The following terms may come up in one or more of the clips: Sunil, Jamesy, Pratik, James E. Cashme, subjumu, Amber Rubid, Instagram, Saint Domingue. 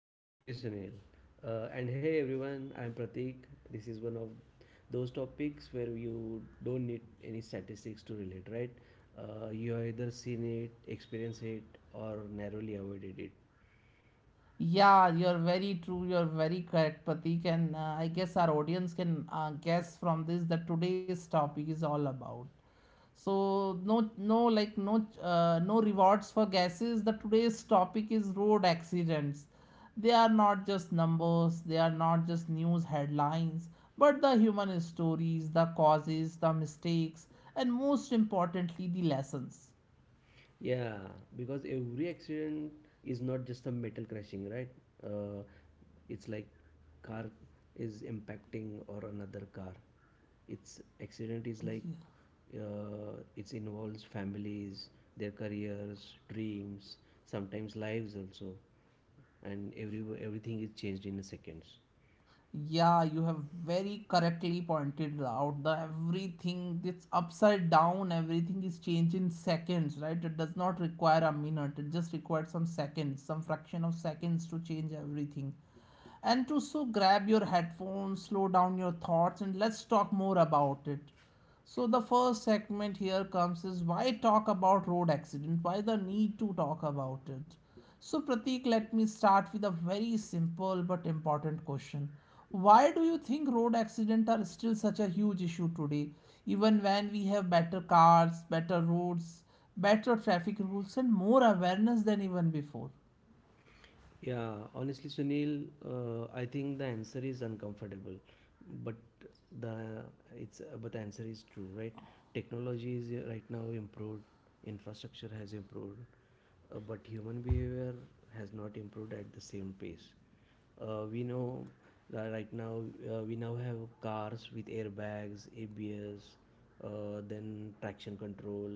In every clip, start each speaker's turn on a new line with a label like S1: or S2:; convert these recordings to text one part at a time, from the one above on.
S1: Absolutely, Sunil. And hey everyone, I'm Pratik. This is one of those topics where you don't need any statistics to relate, right? You have either seen it, experienced it, or narrowly avoided it.
S2: Yeah, you're very true. You're very correct, Pratik. And I guess our audience can guess from this that today's topic is all about. So no, no, like no, no rewards for guesses. The today's topic is road accidents. They are not just numbers. They are not just news headlines, but the human stories, the causes, the mistakes, and most importantly, the lessons.
S1: Yeah, because every accident is not just a metal crashing, right? Uh, it's like car is impacting or another car. It's accident is like it involves families, their careers, dreams, sometimes lives also, and everything is changed in a seconds.
S2: Yeah, you have very correctly pointed out the everything it's upside down, everything is changed in seconds, right? It does not require a minute, it just requires some seconds, some fraction of seconds to change everything. And to so grab your headphones, slow down your thoughts, and let's talk more about it. So the first segment here comes is why talk about road accident? Why the need to talk about it? So Pratik, let me start with a very simple but important question. Why do you think road accidents are still such a huge issue today, even when we have better cars, better roads, better traffic rules, and more awareness than even before?
S1: Yeah, honestly, Sunil, I think the answer is uncomfortable, but the it's but the answer is true, right? Technology is right now improved, infrastructure has improved, but human behavior has not improved at the same pace. We know that right now we now have cars with airbags, ABS, then traction control.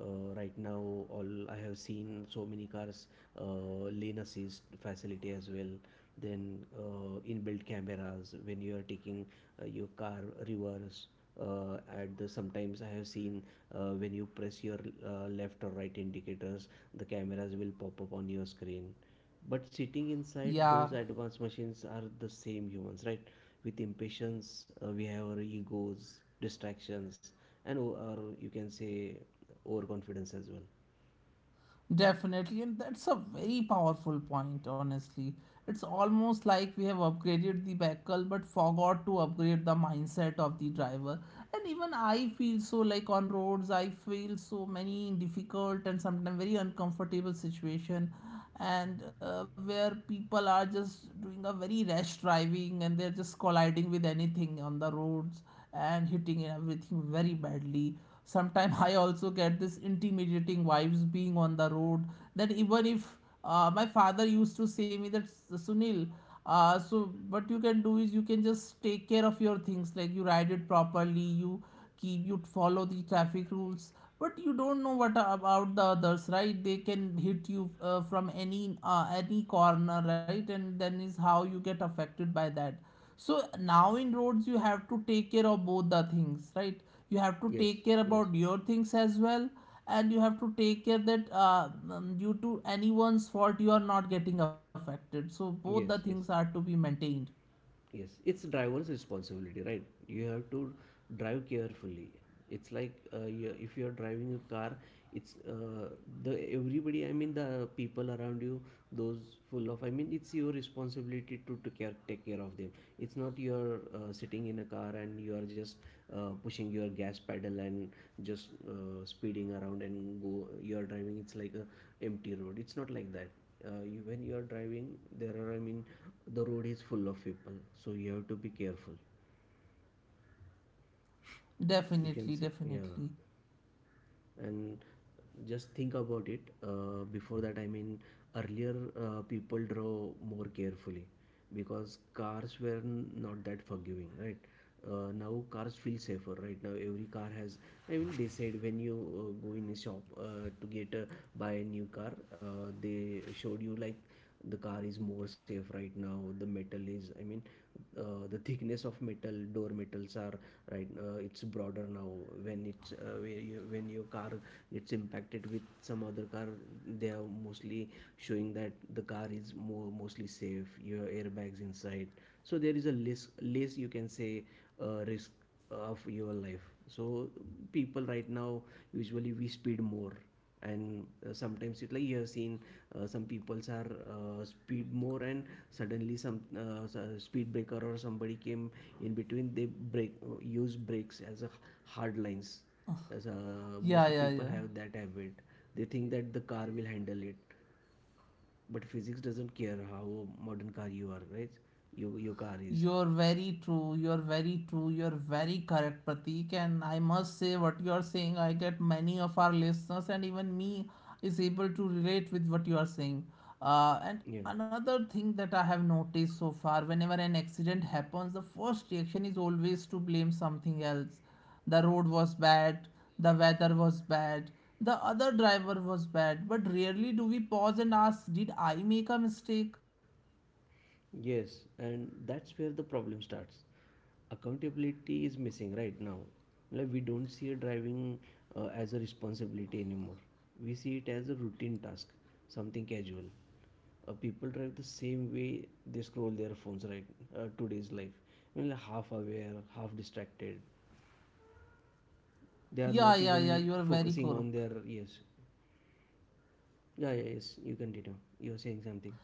S1: Right now, all I have seen so many cars lane assist facility as well. Then inbuilt cameras when you are taking your car reverse. At the sometimes I have seen when you press your left or right indicators, the cameras will pop up on your screen. But sitting inside
S2: Yeah,
S1: those advanced machines are the same humans, right? With impatience, we have our egos, distractions, and or you can say overconfidence as well.
S2: definitely, and that's a very powerful point, honestly. It's almost like we have upgraded the vehicle but forgot to upgrade the mindset of the driver. And even I feel so, like on roads, I feel so many difficult and sometimes very uncomfortable situation, and where people are just doing a very rash driving and they're just colliding with anything on the roads and hitting and everything very badly. Sometimes I also get this intimidating vibes being on the road, that even if my father used to say me that, Sunil, so what you can do is, you can just take care of your things, like you ride it properly, you keep, you follow the traffic rules, but you don't know what about the others, right? They can hit you from any corner, right? And then is how you get affected by that. So now in roads you have to take care of both the things, right? You have to
S1: Yes,
S2: take care
S1: yes,
S2: about your things as well, and you have to take care that due to anyone's fault you are not getting affected. So both the
S1: yes,
S2: things are
S1: yes.
S2: to be maintained.
S1: Yes, it's driver's responsibility, right? You have to drive carefully. It's like if you are driving a car, it's the everybody. I mean, the people around you, those full of. I mean, it's your responsibility to care, take care of them. It's not you're sitting in a car and you are just pushing your gas pedal and just speeding around and go. You are driving. It's like a empty road. It's not like that when you are driving there are I mean the road is full of people, so you have to be careful. You can
S2: Definitely,
S1: say,
S2: definitely,
S1: yeah, and just think about it, before that I mean earlier, people drove more carefully because cars were not that forgiving, right? Now cars feel safer. Right now every car has, I mean, they said when you go in a shop to get a buy a new car, they showed you like the car is more safe. Right now the metal is, I mean, the thickness of metal door metals are right. It's broader now. When it's when your car gets impacted with some other car, they are mostly showing that the car is more mostly safe, your airbags inside. So there is a less, you can say, risk of your life. So people right now usually we speed more, and sometimes it like you have seen some peoples are speed more, and suddenly speed breaker or somebody came in between, they break, use brakes as a hard lines, as most
S2: yeah,
S1: of
S2: yeah,
S1: people
S2: yeah.
S1: have that habit. They think that the car will handle it, but physics doesn't care how modern car you are, right? Your car is
S2: You're very true. You're very true. You're very correct, Pratik. And I must say, what you're saying, I get many of our listeners, and even me is able to relate with what you are saying. And
S1: yeah.
S2: another thing that I have noticed so far, whenever an accident happens, the first reaction is always to blame something else. The road was bad, the weather was bad, the other driver was bad. But rarely do we pause and ask, did I make a mistake?
S1: Yes, and that's where the problem starts. Accountability is missing right now. Like we don't see driving as a responsibility anymore. We see it as a routine task, something casual. People drive the same way they scroll their phones, right? Today's life, I mean, like half aware, half distracted. They are
S2: Yeah,
S1: not
S2: yeah, yeah, you
S1: even
S2: are very
S1: focusing on
S2: correct.
S1: their yes. Yeah, yeah, yes. You continue. You're saying something.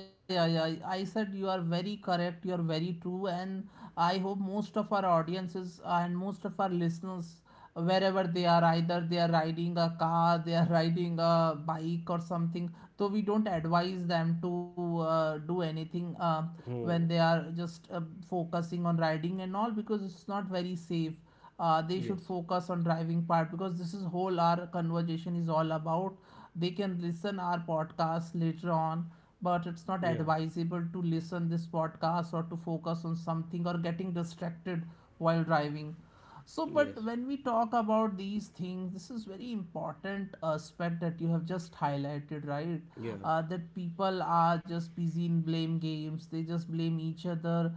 S2: Yeah, yeah, yeah, I said you are very correct. You are very true, and I hope most of our audiences and most of our listeners, wherever they are, either they are riding a car, they are riding a bike or something. So we don't advise them to do anything when
S1: Oh,
S2: they are just focusing on riding and all, because it's not very safe. Uh, they should
S1: yes.
S2: focus on driving part, because this is whole our conversation is all about. They can listen our podcast later on, but it's not
S1: Yeah.
S2: advisable to listen this podcast or to focus on something or getting distracted while driving. So, but
S1: Yes.
S2: when we talk about these things, this is very important aspect that you have just highlighted, right?
S1: Yeah.
S2: That people are just busy in blame games. They just blame each other,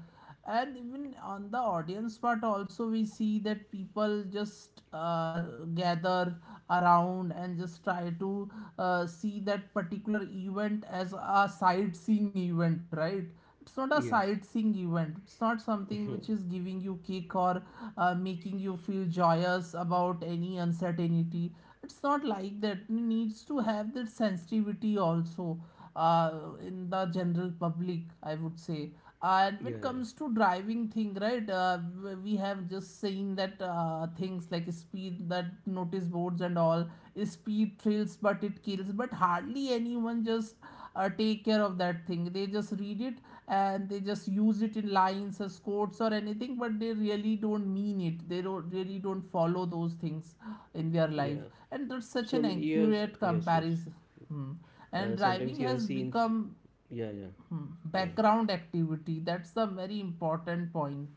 S2: and even on the audience part also we see that people just gather around and just try to see that particular event as a sightseeing event, right? It's not a
S1: Yes.
S2: sightseeing event, it's not something which is giving you kick or making you feel joyous about any uncertainty. It's not like that, it needs to have that sensitivity also in the general public, I would say. And
S1: Yeah,
S2: when it
S1: yeah,
S2: comes to driving thing, right? Uh, we have just seen that things like speed, that notice boards and all, speed thrills but it kills, but hardly anyone just take care of that thing. They just read it, and they just use it in lines as quotes or anything, but they really don't mean it, they don't, really don't follow those things in their life.
S1: yeah.
S2: And that's such
S1: So
S2: an
S1: many years.
S2: accurate
S1: Yes, yes.
S2: comparison. Hmm. And driving
S1: Sometimes you have
S2: has
S1: seen.
S2: become,
S1: Yeah, yeah,
S2: hmm,
S1: yeah.
S2: background activity. That's the very important point.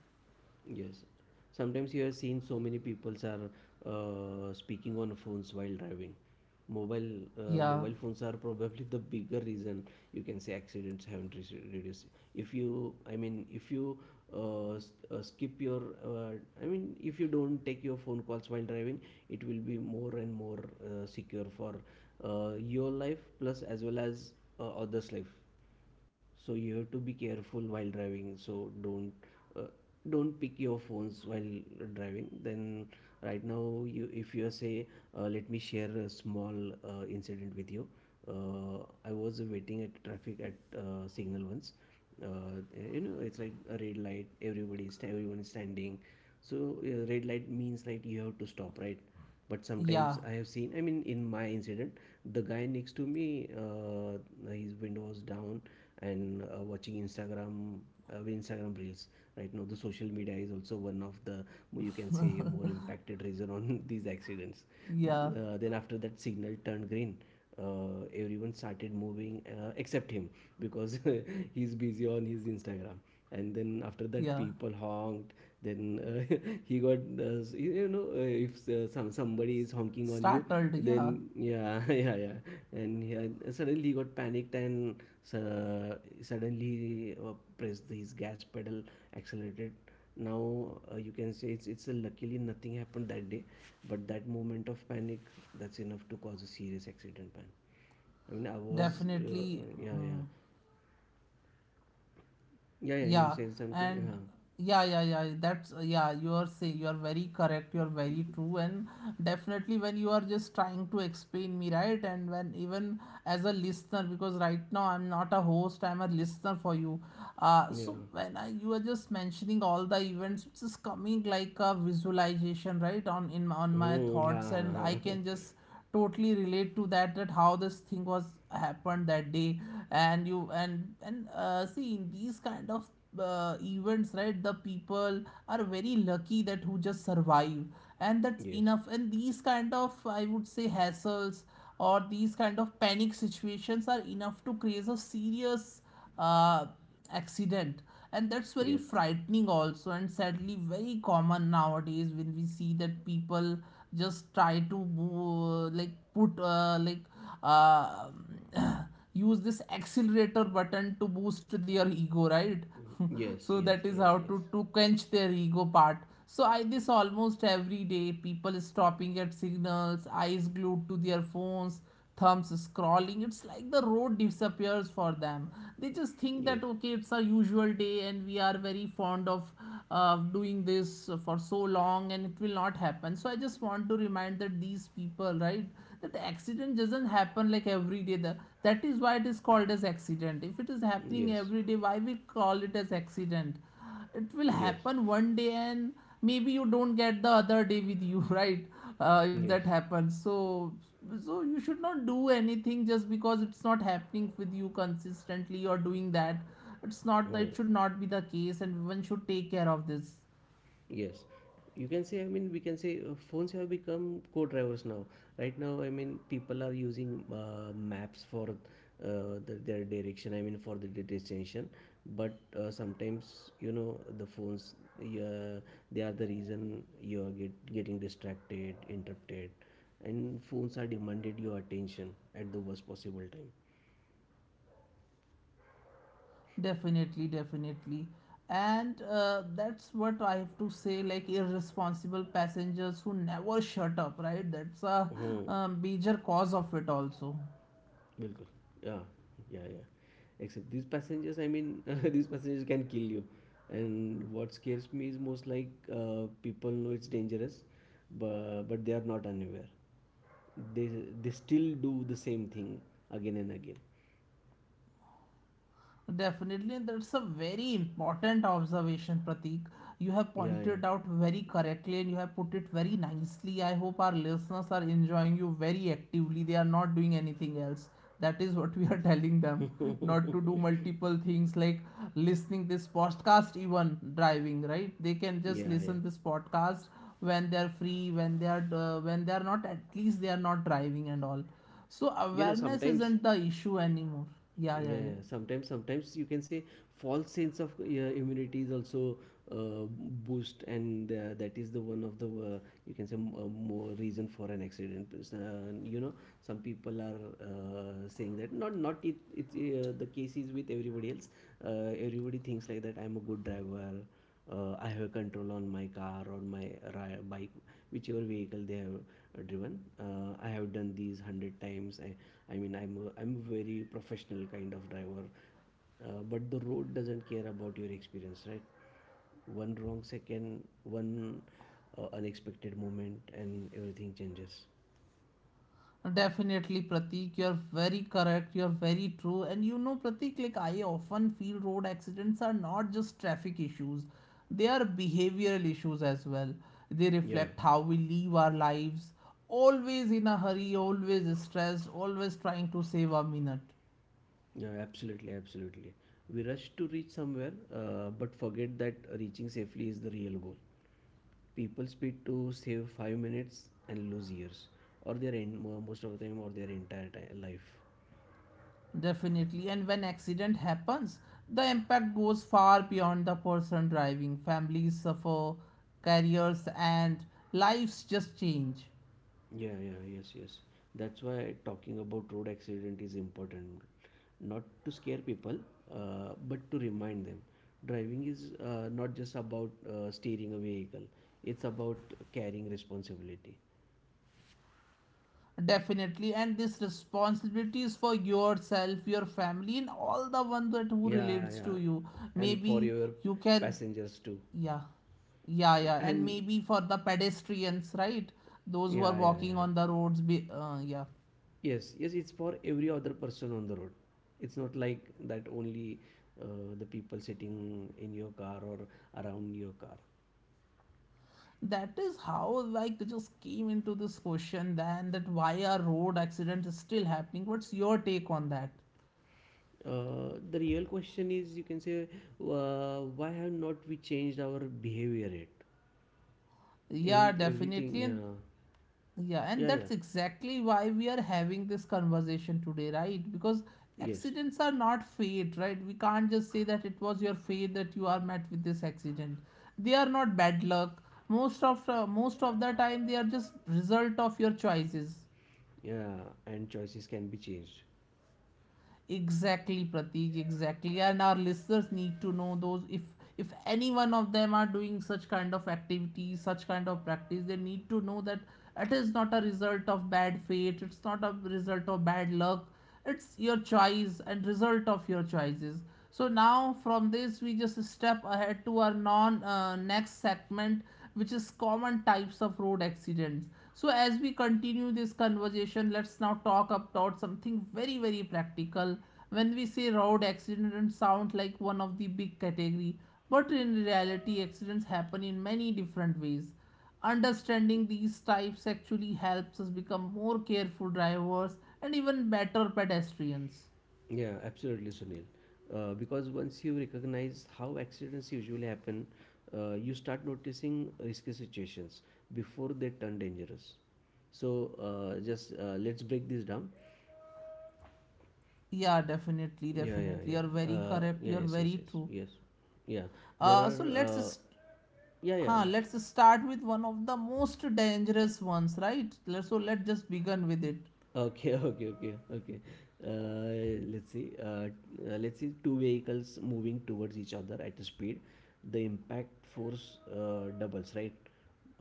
S1: Yes. Sometimes you have seen so many peoples are speaking on phones while driving. Mobile
S2: Yeah,
S1: Mobile phones are probably the bigger reason, you can say accidents haven't reduced. If you uh, uh, skip your uh, I mean, if you don't take your phone calls while driving, it will be more secure for your life, plus as well as others life. So you have to be careful while driving. So don't uh, don't pick your phones while driving. Then right now, you, if you say, let me share a small incident with you. uh, I was waiting at traffic at signal once. You know, it's like a red light, everybody is everyone is standing. So red light means like you have to stop, right? But
S2: yeah,
S1: sometimes I have seen, I mean, in my incident, the guy next to me, his window was down and watching Instagram, Instagram reels. Right now the social media is also one of the, you can say, more impacted reason on these accidents.
S2: yeah,
S1: Then after that signal turned green, everyone started moving except him, because he's busy on his Instagram. And then after that,
S2: yeah,
S1: people honked. Then he got you know, if somebody is honking on you,
S2: startled, yeah,
S1: then yeah yeah yeah. And suddenly he got panicked and uh, suddenly pressed his gas pedal, accelerated. Now, you can say it's a, luckily nothing happened that day, but that moment of panic, that's enough to cause a serious accident, man. I mean, I was
S2: definitely.
S1: yeah yeah
S2: Hmm.
S1: yeah yeah.
S2: Yeah,
S1: You said something,
S2: and
S1: huh.
S2: yeah, yeah, yeah. That's, yeah, you are saying, you are very correct. You are very true, and definitely when you are just trying to explain me, right? And when even as a listener, because right now I'm not a host, I'm a listener for you. So
S1: Yeah.
S2: when I, you are just mentioning all the events, it's just coming like a visualization, right, on in on my
S1: Hmm.
S2: thoughts, and I
S1: Ah,
S2: can just totally relate to that, that how this thing was happened that day. And you and see, in these kind of events, right? The people are very lucky that who just survive, and that's
S1: yes
S2: enough. And these kind of, I would say, hassles or these kind of panic situations are enough to create a serious uh, accident. And that's very
S1: yes.
S2: frightening also, and sadly very common nowadays when we see that people just try to move, like put like uh, use this accelerator button to boost their ego, right?
S1: Mm-hmm. Yes,
S2: So
S1: yes,
S2: that is
S1: yes,
S2: how,
S1: yes.
S2: to quench their ego part. So I, this almost every day, people stopping at signals, eyes glued to their phones, thumbs scrolling. It's like the road disappears for them. They just think
S1: Yes,
S2: that okay, it's a usual day, and we are very fond of doing this for so long and it will not happen. So I just want to remind that these people, right, that accident doesn't happen like every day. The, that is why it is called as accident. If it is happening
S1: yes,
S2: every day, why we call it as accident? It will
S1: yes,
S2: happen one day, and maybe you don't get the other day with you right? If that
S1: yes.
S2: happens. So you should not do anything just because it's not happening with you consistently or doing that. It's not that, it
S1: Oh,
S2: should not be the case, and one should take care of this.
S1: yes, you can say, I mean, we can say phones have become co-drivers now. Right now, I mean, people are using maps for their direction, I mean, for the destination. But sometimes, you know, the phones, yeah, they are the reason you are getting distracted, interrupted, and phones are demanded your attention at the worst possible time.
S2: Definitely, definitely. And that's what I have to say, like irresponsible passengers who never shut up, right? That's a,
S1: Hmm.
S2: major cause of it, also.
S1: बिल्कुल. Yeah, yeah, yeah, except these passengers, I mean, these passengers can kill you. And what scares me is most like, people know it's dangerous, but they are not unaware. they they still do the same thing again and again.
S2: Definitely, and that's a very important observation, Pratik. You have
S1: Yeah,
S2: pointed out very correctly and you have put it very nicely. I hope our listeners are enjoying you very actively. They are not doing anything else. That is what we are telling
S1: yeah.
S2: them, not to do multiple things like listening this podcast, even driving. Right? They can just
S1: Yeah, yeah.
S2: listen this podcast when they are free, when they are not, at least they are not driving and all. So
S1: You know,
S2: awareness
S1: sometimes
S2: isn't the issue anymore. Yeah, yeah,
S1: yeah,
S2: yeah.
S1: sometimes you can say false sense of immunity is also uh, boost, and that is the one of the, you can say, more reason for an accident. Because, you know, some people are saying that not it, it's the case is with everybody else. Everybody thinks like that, I'm a good driver, I have control on my car or my bike, whichever vehicle they have driven. I have done these 100 times. I mean I'm a very professional kind of driver. But the road doesn't care about your experience, right? One wrong second, one unexpected moment and everything changes.
S2: Definitely, Pratik, you're very correct. You're very true. And you know, Pratik, like I often feel road accidents are not just traffic issues, they are behavioral issues as well. They
S1: Yeah,
S2: reflect how we live our lives, always in a hurry, always stressed, always trying to save a minute.
S1: yeah, absolutely, absolutely. We rush to reach somewhere, but forget that reaching safely is the real goal. People speed to save 5 minutes and lose years, most of the time, or their entire life.
S2: Definitely. And when accident happens, the impact goes far beyond the person driving. Families suffer, careers and lives just change.
S1: Yeah, yeah, yes, yes. That's why talking about road accident is important, not to scare people, but to remind them driving is not just about steering a vehicle, it's about carrying responsibility.
S2: Definitely, and this responsibility is for yourself, your family, and all the one that who
S1: Yeah,
S2: relates
S1: yeah.
S2: to you.
S1: And for
S2: Maybe
S1: your
S2: you can,
S1: passengers too.
S2: yeah, yeah, yeah, and
S1: And
S2: maybe for the pedestrians, right? Those who are
S1: yeah, yeah,
S2: walking
S1: yeah.
S2: on the roads, be, yeah.
S1: Yes, yes, it's for every other person on the road. It's not like that only uh, the people sitting in your car or around your car.
S2: That is how like they just came into this question. Then that, why are road accidents still happening? What's your take on that?
S1: The real question is, you can say, why have not we changed our behavior yet?
S2: Yeah,
S1: Everything,
S2: definitely, and
S1: yeah,
S2: yeah, and
S1: yeah, yeah,
S2: that's exactly why we are having this conversation today, right? Because
S1: yes,
S2: accidents are not fate, right? We can't just say that it was your fate that you are met with this accident. They are not bad luck. Most of most of the time, they are just result of your choices.
S1: yeah, and choices can be changed.
S2: Exactly, Pratik, exactly. And our listeners need to know those, if any one of them are doing such kind of activities, such kind of practice, they need to know that it is not a result of bad fate, it's not a result of bad luck, it's your choice and result of your choices. So now from this we just step ahead to our non next segment which is common types of road accidents. So as we continue this conversation, let's now talk about something very, very practical. When we say road accident, sound like one of the big category, but in reality accidents happen in many different ways. Understanding these types actually helps us become more careful drivers and even better pedestrians.
S1: Yeah, absolutely, Sunil. Because once you recognize how accidents usually happen, you start noticing risky situations before they turn dangerous. So just let's break this down.
S2: Yeah, definitely,
S1: Yeah, yeah,
S2: definitely.
S1: yeah.
S2: You're very correct.
S1: Yeah,
S2: You're
S1: yes, yes,
S2: very
S1: yes,
S2: true.
S1: yes. Yeah, there
S2: Uh,
S1: are.
S2: so let's
S1: Uh,
S2: st-
S1: yeah, yeah,
S2: huh,
S1: yeah.
S2: let's start with one of the most dangerous ones, right? So let's just begin with it.
S1: Okay, okay, okay, okay. Let's see. Let's see two vehicles moving towards each other at a speed. The impact force doubles, right?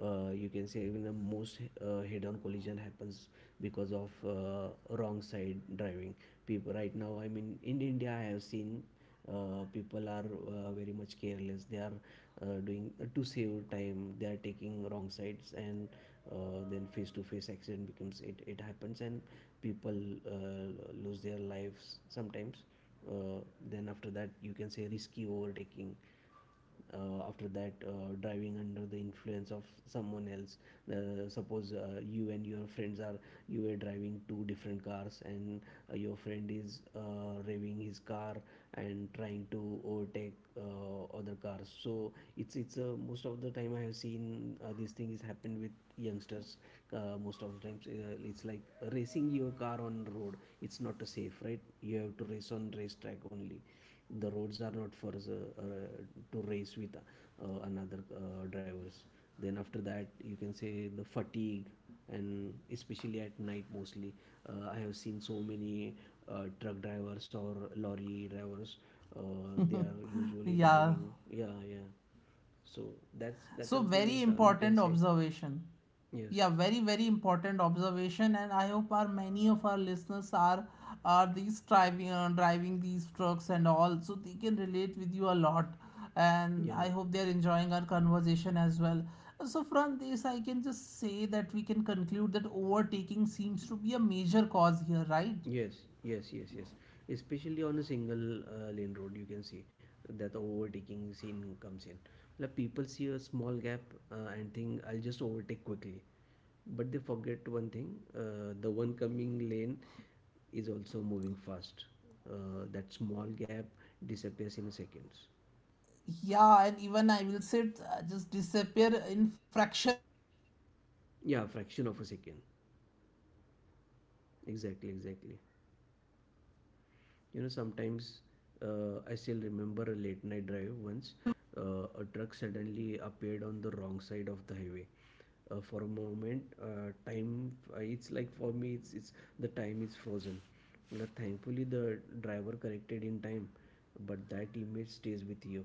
S1: You can say even the most head-on collision happens because of wrong side driving. People right now, I mean, in India, I have seen people are very much careless they are doing to save time they are taking wrong sides, and then face to face accident becomes it happens, and people uh, lose their lives sometimes. uh, then after that you can say risky overtaking, after that driving under the influence of someone else. Suppose you and your friends are you were driving two different cars, and your friend is revving his car and trying to overtake other cars. So it's most of the time I have seen this thing is happened with youngsters. Most of the times it's like racing your car on road. It's not safe, right? You have to race on racetrack only. The roads are not for us to race with another drivers. Then after that you can say the fatigue, and especially at night mostly I have seen so many truck drivers or lorry drivers they are usually
S2: Yeah.
S1: driving. Yeah, yeah, so that's that are
S2: So,
S1: the
S2: very
S1: so you can
S2: important
S1: say
S2: observation.
S1: yes,
S2: Yeah, very, very important observation, and I hope our many of our listeners are these driving driving these trucks and all, so they can relate with you a lot. And
S1: yeah.
S2: I hope they are enjoying our conversation as well. So from this, I can just say that we can conclude that overtaking seems to be a major cause here, right?
S1: Yes, yes, yes, yes. Especially on a single lane road, you can see that the overtaking scene comes in. Like, people see a small gap and think, I'll just overtake quickly. But they forget one thing, the one coming lane is also moving fast. That small gap disappears in seconds.
S2: Yeah, and even I will say it, just disappear in fraction of second, like less
S1: Yeah,
S2: than a
S1: fraction of
S2: second,
S1: a second.
S2: right. And once you commit to a
S1: Exactly,
S2: wrong side
S1: exactly.
S2: overtake, there is often no space
S1: You
S2: to
S1: know,
S2: escape.
S1: sometimes I still remember a late night drive once. A truck suddenly appeared on the wrong side of the highway. For a moment, time it's like for me, it's the time is frozen. Well, thankfully, the driver corrected in time, but that image stays with you.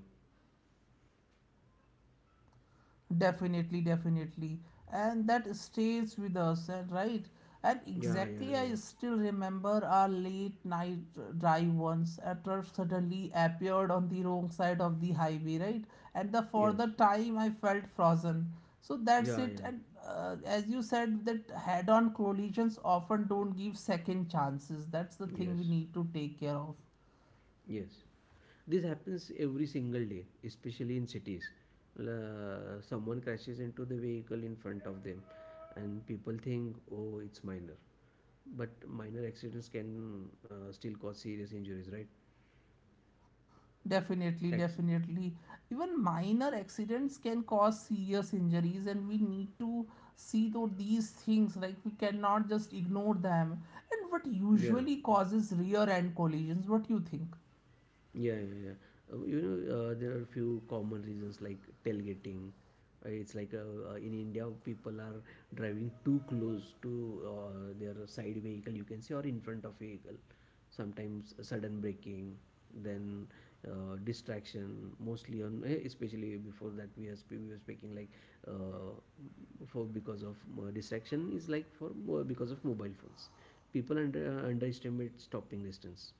S2: Definitely, definitely. And that stays with us, and right? And
S1: Yeah, yeah,
S2: exactly, I
S1: yeah.
S2: still remember our late night drive once. A truck suddenly appeared on the wrong side of the highway, right? And the for
S1: Yes.
S2: the time I felt frozen. So that's
S1: Yeah,
S2: it.
S1: yeah.
S2: And, as you said, that head-on collisions often don't give second chances. That's the
S1: Yes.
S2: thing we need to take care of.
S1: Yes. This happens every single day, especially in cities. Someone crashes into the vehicle in front of them, and people think, oh, it's minor. But minor accidents can still cause serious injuries, right?
S2: Definitely,
S1: Ex-
S2: definitely. Even minor accidents can cause serious injuries, and we need to see though these things. Like we cannot just ignore them. And what
S1: yeah,
S2: usually
S1: yeah.
S2: causes rear end collisions? What do you think?
S1: Yeah, yeah, yeah. You know, there are few common reasons like tailgating. It's like in India, people are driving too close to their side vehicle, you can say, or in front of vehicle. Sometimes sudden braking, then distraction, mostly on, eh, especially before that we were speaking like uh, for because of distraction is like because of mobile phones. People underestimate stopping distance.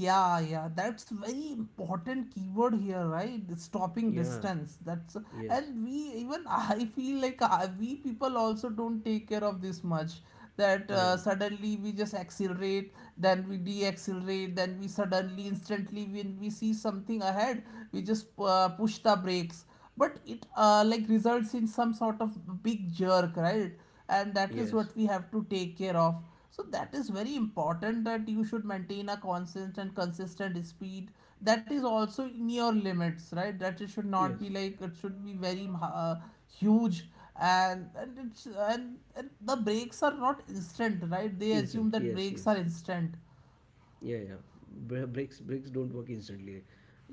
S2: Yeah, yeah, that's very important keyword here, right? The stopping
S1: Yeah,
S2: distance. That's.
S1: yes.
S2: And we, even I feel like, we people also don't take care of this much. That,
S1: Yeah.
S2: suddenly we just accelerate, then we deaccelerate, then we suddenly instantly when we see something ahead, we just push the brakes. But it, like results in some sort of big jerk, right? And that is
S1: Yes.
S2: what we have to take care of, so that is very important that you should maintain a constant and consistent speed that is also in your limits, right? That it should
S1: Yes.
S2: not be, like it should be very huge and, it's, and the brakes are not instant, right? They assume
S1: Instant.
S2: that
S1: Yes.
S2: brakes are
S1: Yes.
S2: instant.
S1: Yeah. Yeah. Brakes. Brakes don't work instantly.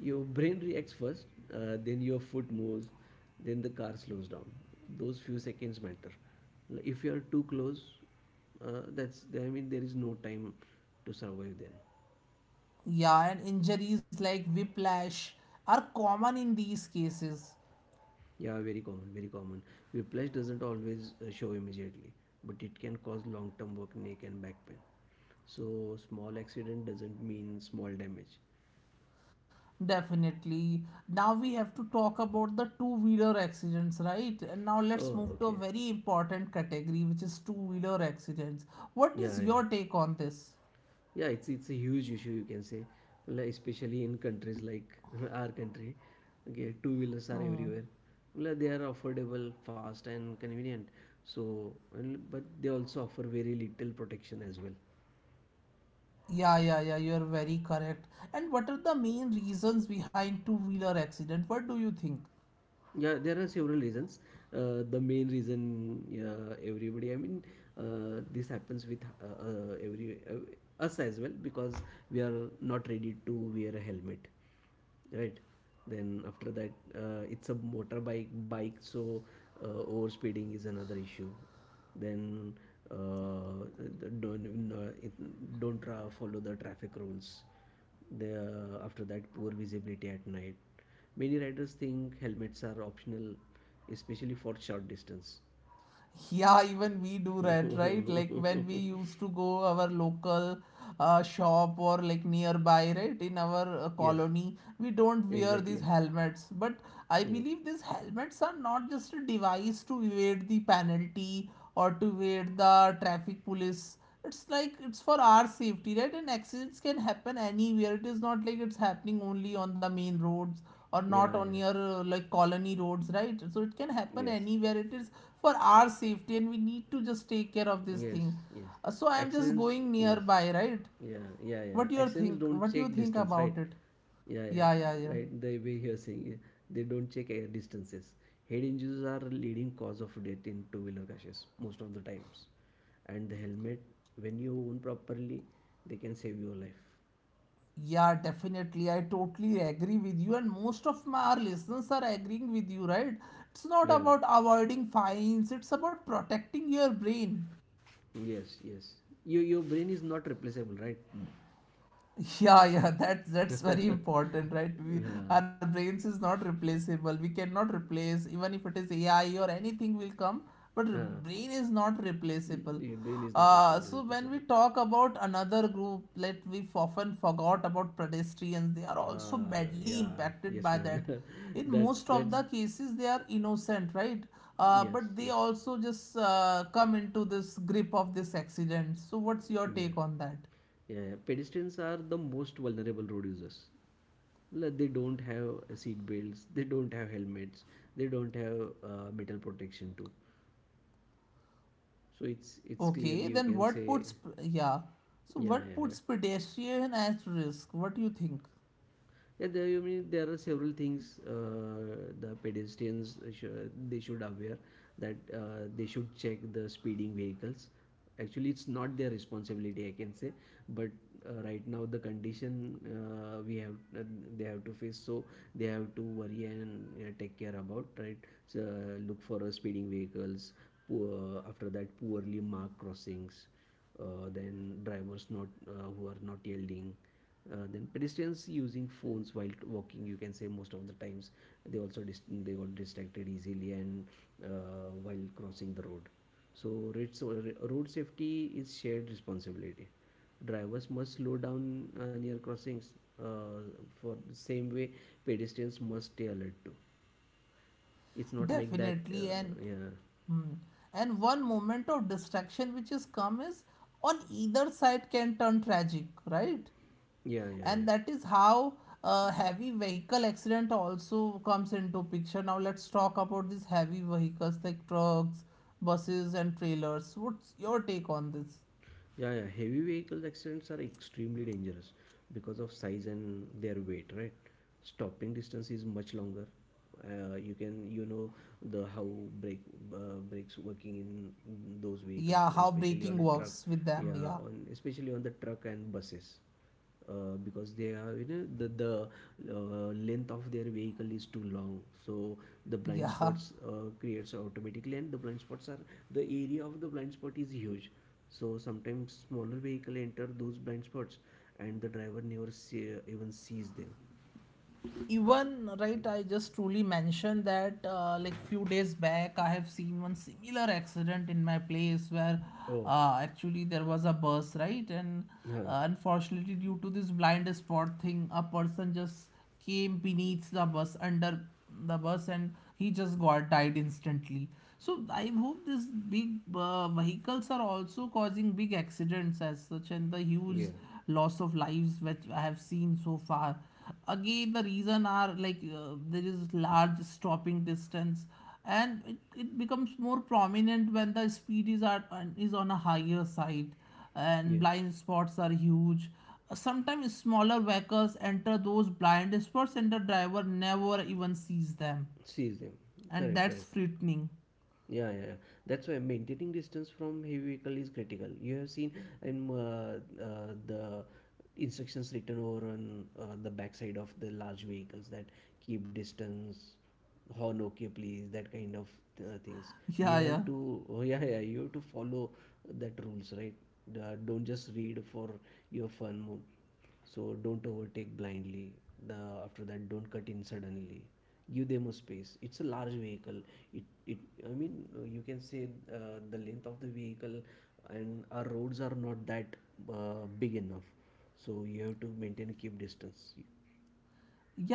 S1: Your brain reacts first. Then your foot moves. Then the car slows down. Those few seconds matter. If you are too close, that's. I mean, there is no time to survive then.
S2: Yeah, and injuries like whiplash are common in these cases.
S1: Yeah. Very common. Very common. Whiplash doesn't always show immediately, but it can cause long-term work, neck and back pain. So small accident doesn't mean small damage.
S2: Definitely. Now we have to talk about the two-wheeler accidents, right? And now let's
S1: Oh,
S2: move to a
S1: okay.
S2: very important category, which is two-wheeler accidents. What
S1: Yeah,
S2: is
S1: yeah,
S2: your take on this?
S1: yeah. It's a huge issue, you can say, like, especially in countries like our country. Okay, two wheelers are
S2: Hmm.
S1: everywhere. Like, they are affordable, fast, and convenient. So, and, but they also offer very little protection as well.
S2: Yeah, yeah, yeah, you're very correct. And what are the main reasons behind two-wheeler accident? What do you think?
S1: Yeah, there are several reasons. The main reason, yeah, everybody. I mean, this happens with every us as well because we are not ready to wear a helmet, right? Then after that, it's a motorbike bike, so over speeding is another issue. Then uh, don't don't follow the traffic rules. The after that, poor visibility at night. Many riders think helmets are optional, especially for short distance.
S2: Yeah, even we do that, right? Like when we used to go our local, shop or like nearby, right, in our,
S1: yes,
S2: colony, we don't wear these
S1: exactly.
S2: helmets. But I
S1: Yeah,
S2: believe these helmets are not just a device to evade the penalty or to wait the traffic police. It's like it's for our safety, right? And accidents can happen anywhere. It is not like it's happening only on the main roads or not
S1: yeah,
S2: on
S1: yeah.
S2: your, like colony roads, right? So it can happen
S1: Yes,
S2: anywhere. It is for our safety, and we need to just take care of this
S1: yes,
S2: thing.
S1: yes.
S2: So I am just
S1: Accidents,
S2: going
S1: yes,
S2: nearby, right?
S1: yeah, yeah, yeah. Accidents don't
S2: What do you
S1: check
S2: think
S1: distance, right?
S2: about it?
S1: Yeah,
S2: Yeah, yeah, yeah.
S1: yeah, right. The way you're saying, yeah. They don't check air distances. Head injuries are leading cause of death in two-wheeler crashes most of the times, and the helmet, when you own properly, they can save your life.
S2: Yeah, definitely. I totally agree with you, and most of my our listeners are agreeing with you, right? It's not
S1: Yeah.
S2: about avoiding fines, it's about protecting your brain.
S1: Yes. Yes. Your brain is not replaceable, right?
S2: Yeah, yeah, that's
S1: uh,
S2: very important, right? We, our brains is not replaceable. We cannot replace even if it is AI or anything will come. But
S1: uh,
S2: brain is not replaceable.
S1: your brain is not
S2: So when we
S1: replaceable.
S2: talk about another group that we've often forgot about, pedestrians, they are also badly
S1: Yeah.
S2: impacted
S1: Yes,
S2: by
S1: man.
S2: that. In
S1: that's
S2: most of
S1: that's.
S2: the cases they are innocent, right? uh,
S1: Yes.
S2: but they
S1: Yes.
S2: also just, come into this grip of this accident. So what's your
S1: Yeah.
S2: take on that?
S1: Yeah. yeah. Pedestrians are the most vulnerable road users. Like, they don't have seat belts. They don't have helmets. They don't have metal protection too. So it's clearly,
S2: Okay,
S1: you
S2: then
S1: can say,
S2: yeah, so
S1: yeah,
S2: what
S1: yeah, yeah.
S2: puts pedestrian at risk? What do you think?
S1: Yeah, there, I mean, there are several things, the pedestrians they should aware that they should check the speeding vehicles. Actually, it's not their responsibility, I can say, but right now the condition we have they have to face, so they have to worry and take care about right. So, look for speeding vehicles. Poor, after that, poorly marked crossings. Then drivers not who are not yielding, then pedestrians using phones while walking, you can say most of the times they also they got distracted easily, and while crossing the road, so road so road safety is shared responsibility. Drivers must slow down near crossings, uh, for the same way pedestrians must stay alert too. It's not like that
S2: Definitely, and,
S1: yeah,
S2: hmm, one moment of distraction which is come is on either side can turn tragic, right?
S1: yeah, yeah,
S2: And
S1: yeah.
S2: that is how, heavy vehicle accident also comes into picture. Now let's talk about these heavy vehicles like trucks, buses, and trailers. What's your take on this?
S1: Yeah, yeah. Heavy vehicles accidents are extremely dangerous because of size and their weight, right? Stopping distance is much longer. You can, you know, the how brake brakes working in those vehicles,
S2: Yeah, how
S1: especially
S2: braking
S1: on a truck.
S2: works with them?
S1: Yeah,
S2: Yeah,
S1: on especially on the truck and buses, because they are, you know, the length of their vehicle is too long, so the blind
S2: yeah.
S1: spots creates automatically, and the blind spots are the area of the blind spot is huge, so sometimes smaller vehicle enter those blind spots, and the driver never see, even sees them.
S2: Even right, I just truly mentioned that, like few days back I have seen one similar accident in my place where,
S1: Oh.
S2: actually there was a bus, right? And,
S1: Huh.
S2: unfortunately due to this blind spot thing, a person just came beneath the bus, under the bus, and he just got died instantly. So I hope these big, vehicles are also causing big accidents as such, and the huge
S1: Yeah,
S2: loss of lives which I have seen so far. Again, the reason are like, there is large stopping distance, and it becomes more prominent when the speed is on a higher side, and
S1: yes,
S2: blind spots are huge. Sometimes smaller vehicles enter those blind spots, and the driver never even sees them,
S1: sees them.
S2: and
S1: Correct,
S2: that's
S1: correct.
S2: frightening.
S1: Yeah, yeah, yeah. That's why maintaining distance from heavy vehicle is critical. You have seen in the instructions written over on the backside of the large vehicles that keep distance, horn okay please, that kind of things. You
S2: Yeah, yeah.
S1: have to, oh, yeah, yeah, you have to follow that rules, right? Don't just read for your fun. So don't overtake blindly. The, after that, don't cut in suddenly. Give them a space. It's a large vehicle. It I mean, you can say the length of the vehicle, and our roads are not that big enough. So you have to maintain keep distance.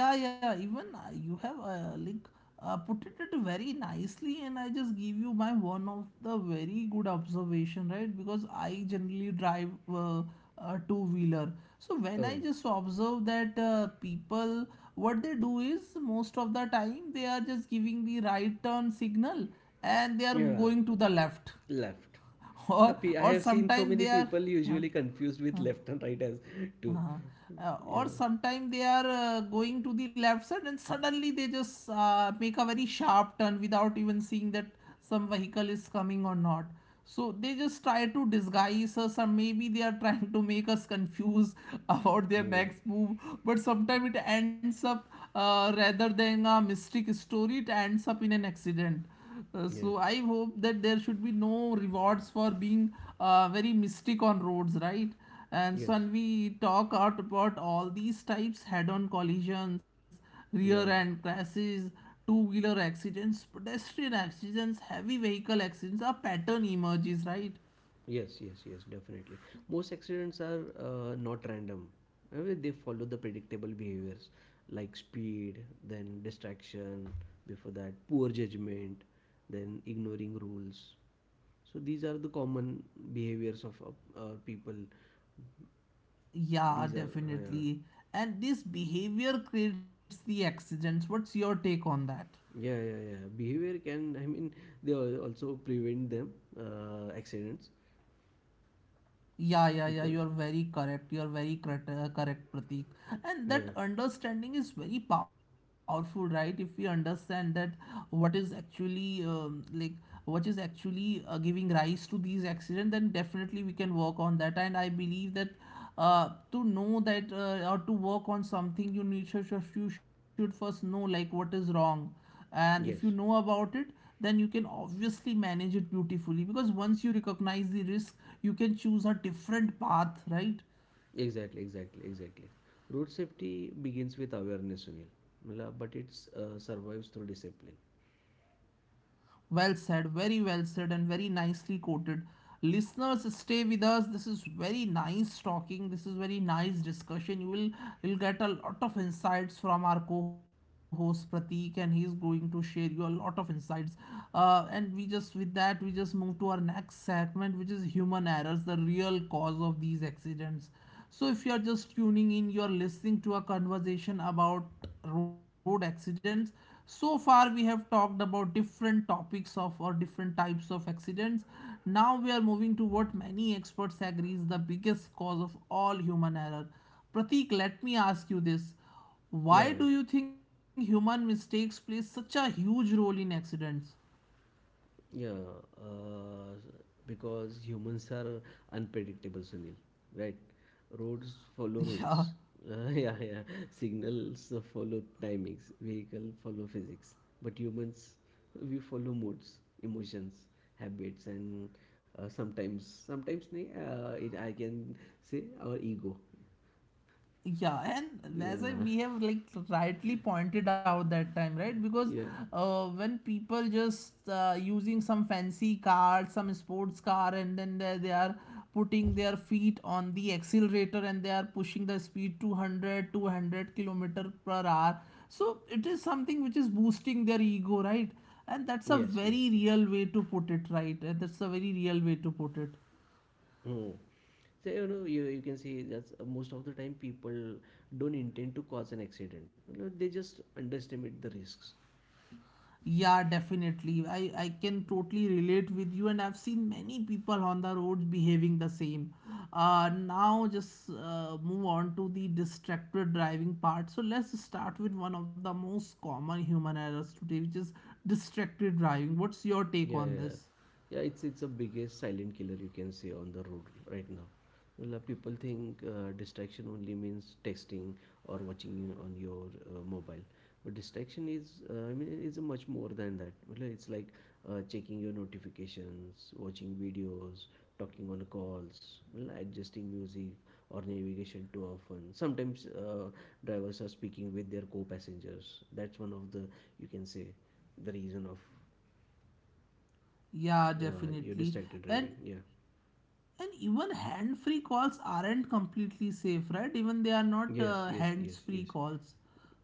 S2: Yeah, yeah, even, you have, like, put it very nicely, and I just give you my one of the very good observation, right? Because I generally drive, a two wheeler, so when I
S1: Oh,
S2: just observe that, people, what they do is most of the time they are just giving the right turn signal and they are
S1: yeah,
S2: going to the left,
S1: left.
S2: or
S1: I
S2: or
S1: have seen so
S2: sometimes
S1: many
S2: they are.
S1: people
S2: Huh?
S1: usually confused
S2: Huh?
S1: with left and right as two.
S2: Uh-huh. Or
S1: Yeah.
S2: sometimes they are, going to the left side and suddenly they just, make a very sharp turn without even seeing that some vehicle is coming or not. So they just try to disguise us, or maybe they are trying to make us confused about their
S1: Hmm.
S2: next move. But sometimes it ends up, rather than a mystic story, it ends up in an accident. Uh,
S1: Yes.
S2: so I hope that there should be no rewards for being, very mystic on roads, right? And so
S1: Yes.
S2: we talk out about all these types head-on collisions,
S1: Yeah.
S2: rear-end crashes, two-wheeler accidents, pedestrian accidents, heavy vehicle accidents, a pattern emerges, right?
S1: Yes, yes, yes, definitely. Most accidents are not random. They follow the predictable behaviors like speed, then distraction, before that, poor judgment, then ignoring rules. So these are the common behaviors of our people.
S2: Yeah,
S1: These are,
S2: definitely. And this behavior creates the accidents. What's your take on that?
S1: yeah, yeah, yeah. Behavior can, I mean, also prevent them accidents
S2: Yeah, yeah, yeah, you
S1: because,
S2: are very correct. You are very correct, correct, Pratik. And
S1: yeah,
S2: that understanding is very powerful, right? If we understand that what is actually um, like what is actually, giving rise to these accidents, then definitely we can work on that. And I believe that, to know that, or to work on something, you should first know like what is wrong, and if you know
S1: yes.
S2: about it, then you can obviously manage it beautifully, because once you recognize the risk, you can choose a different path, right?
S1: Exactly, exactly, exactly. Road safety begins with awareness, Sunil. But it survives through discipline.
S2: Well said, very well said, and very nicely quoted. Listeners, stay with us. This is very nice talking. This is very nice discussion. You'll get a lot of insights from our co-host Pratik, and he's going to share you a lot of insights. And we just with that we just move to our next segment, which is human errors, the real cause of these accidents. So if you are just tuning in, you are listening to a conversation about road accidents. So far we have talked about different topics of or different types of accidents. Now we are moving to what many experts agree is the biggest cause of all, human error. Pratik, let me ask you this:
S1: Yeah,
S2: why do you think human mistakes play such a huge role in accidents?
S1: yeah, yeah. Uh, because humans are unpredictable, Sunil. Right? Roads follow rules.
S2: Yeah,
S1: Yeah, yeah. Signals follow timings. Vehicle follow physics. But humans, we follow moods, emotions, habits, and sometimes, nahi, I can say our ego.
S2: yeah, and,
S1: Yeah.
S2: we have like rightly pointed out that time, right? Because,
S1: yeah,
S2: when people just, using some fancy car, some sports car, and then they are putting their feet on the accelerator, and they are pushing the speed 200 200 kilometer per hour, so it is something which is boosting their ego, right? And that's a
S1: yes, yes,
S2: very
S1: yes.
S2: real way to put it, right. And that's a very real way to put it.
S1: Mm. So, you know, you can see that's most of the time people don't intend to cause an accident, you know, they just underestimate the risks.
S2: Yeah, definitely. I can totally relate with you, and I've seen many people on the roads behaving the same. Now, just move on to the distracted driving part. So, let's start with one of the most common human errors today, which is distracted driving. What's your take
S1: Yeah, yeah,
S2: on
S1: yeah.
S2: this?
S1: Yeah, it's a biggest silent killer, you can say, on the road right now. Well, people think distraction only means texting or watching you on your mobile, but distraction is I mean is much more than that. Well, it's like checking your notifications, watching videos, talking on calls, well, adjusting music or navigation too often. Sometimes drivers are speaking with their co-passengers. That's one of the, you can say, the reason of
S2: Yeah,
S1: you
S2: definitely.
S1: distracted
S2: And
S1: driving, yeah.
S2: and even hand-free calls aren't completely safe, right? Even they are not,
S1: Yes, yes, yes,
S2: hands-free
S1: yes,
S2: calls.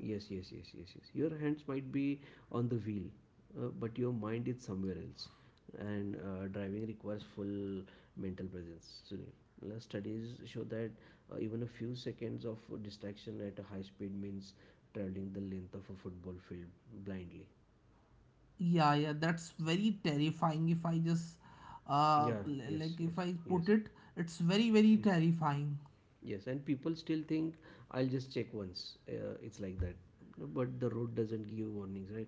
S1: yes, yes, yes, yes, yes. Your hands might be on the wheel, but your mind is somewhere else, and driving requires full mental presence, Sunil. Studies show that even a few seconds of distraction at a high speed means traveling the length of a football field blindly.
S2: Yeah, yeah, that's very terrifying. If I just,
S1: Yeah, yes,
S2: like
S1: yes,
S2: if I
S1: yes.
S2: put it, it's very, very
S1: Yeah.
S2: terrifying.
S1: Yes, and people still think, I'll just check once. It's like that. But the road doesn't give warnings, right?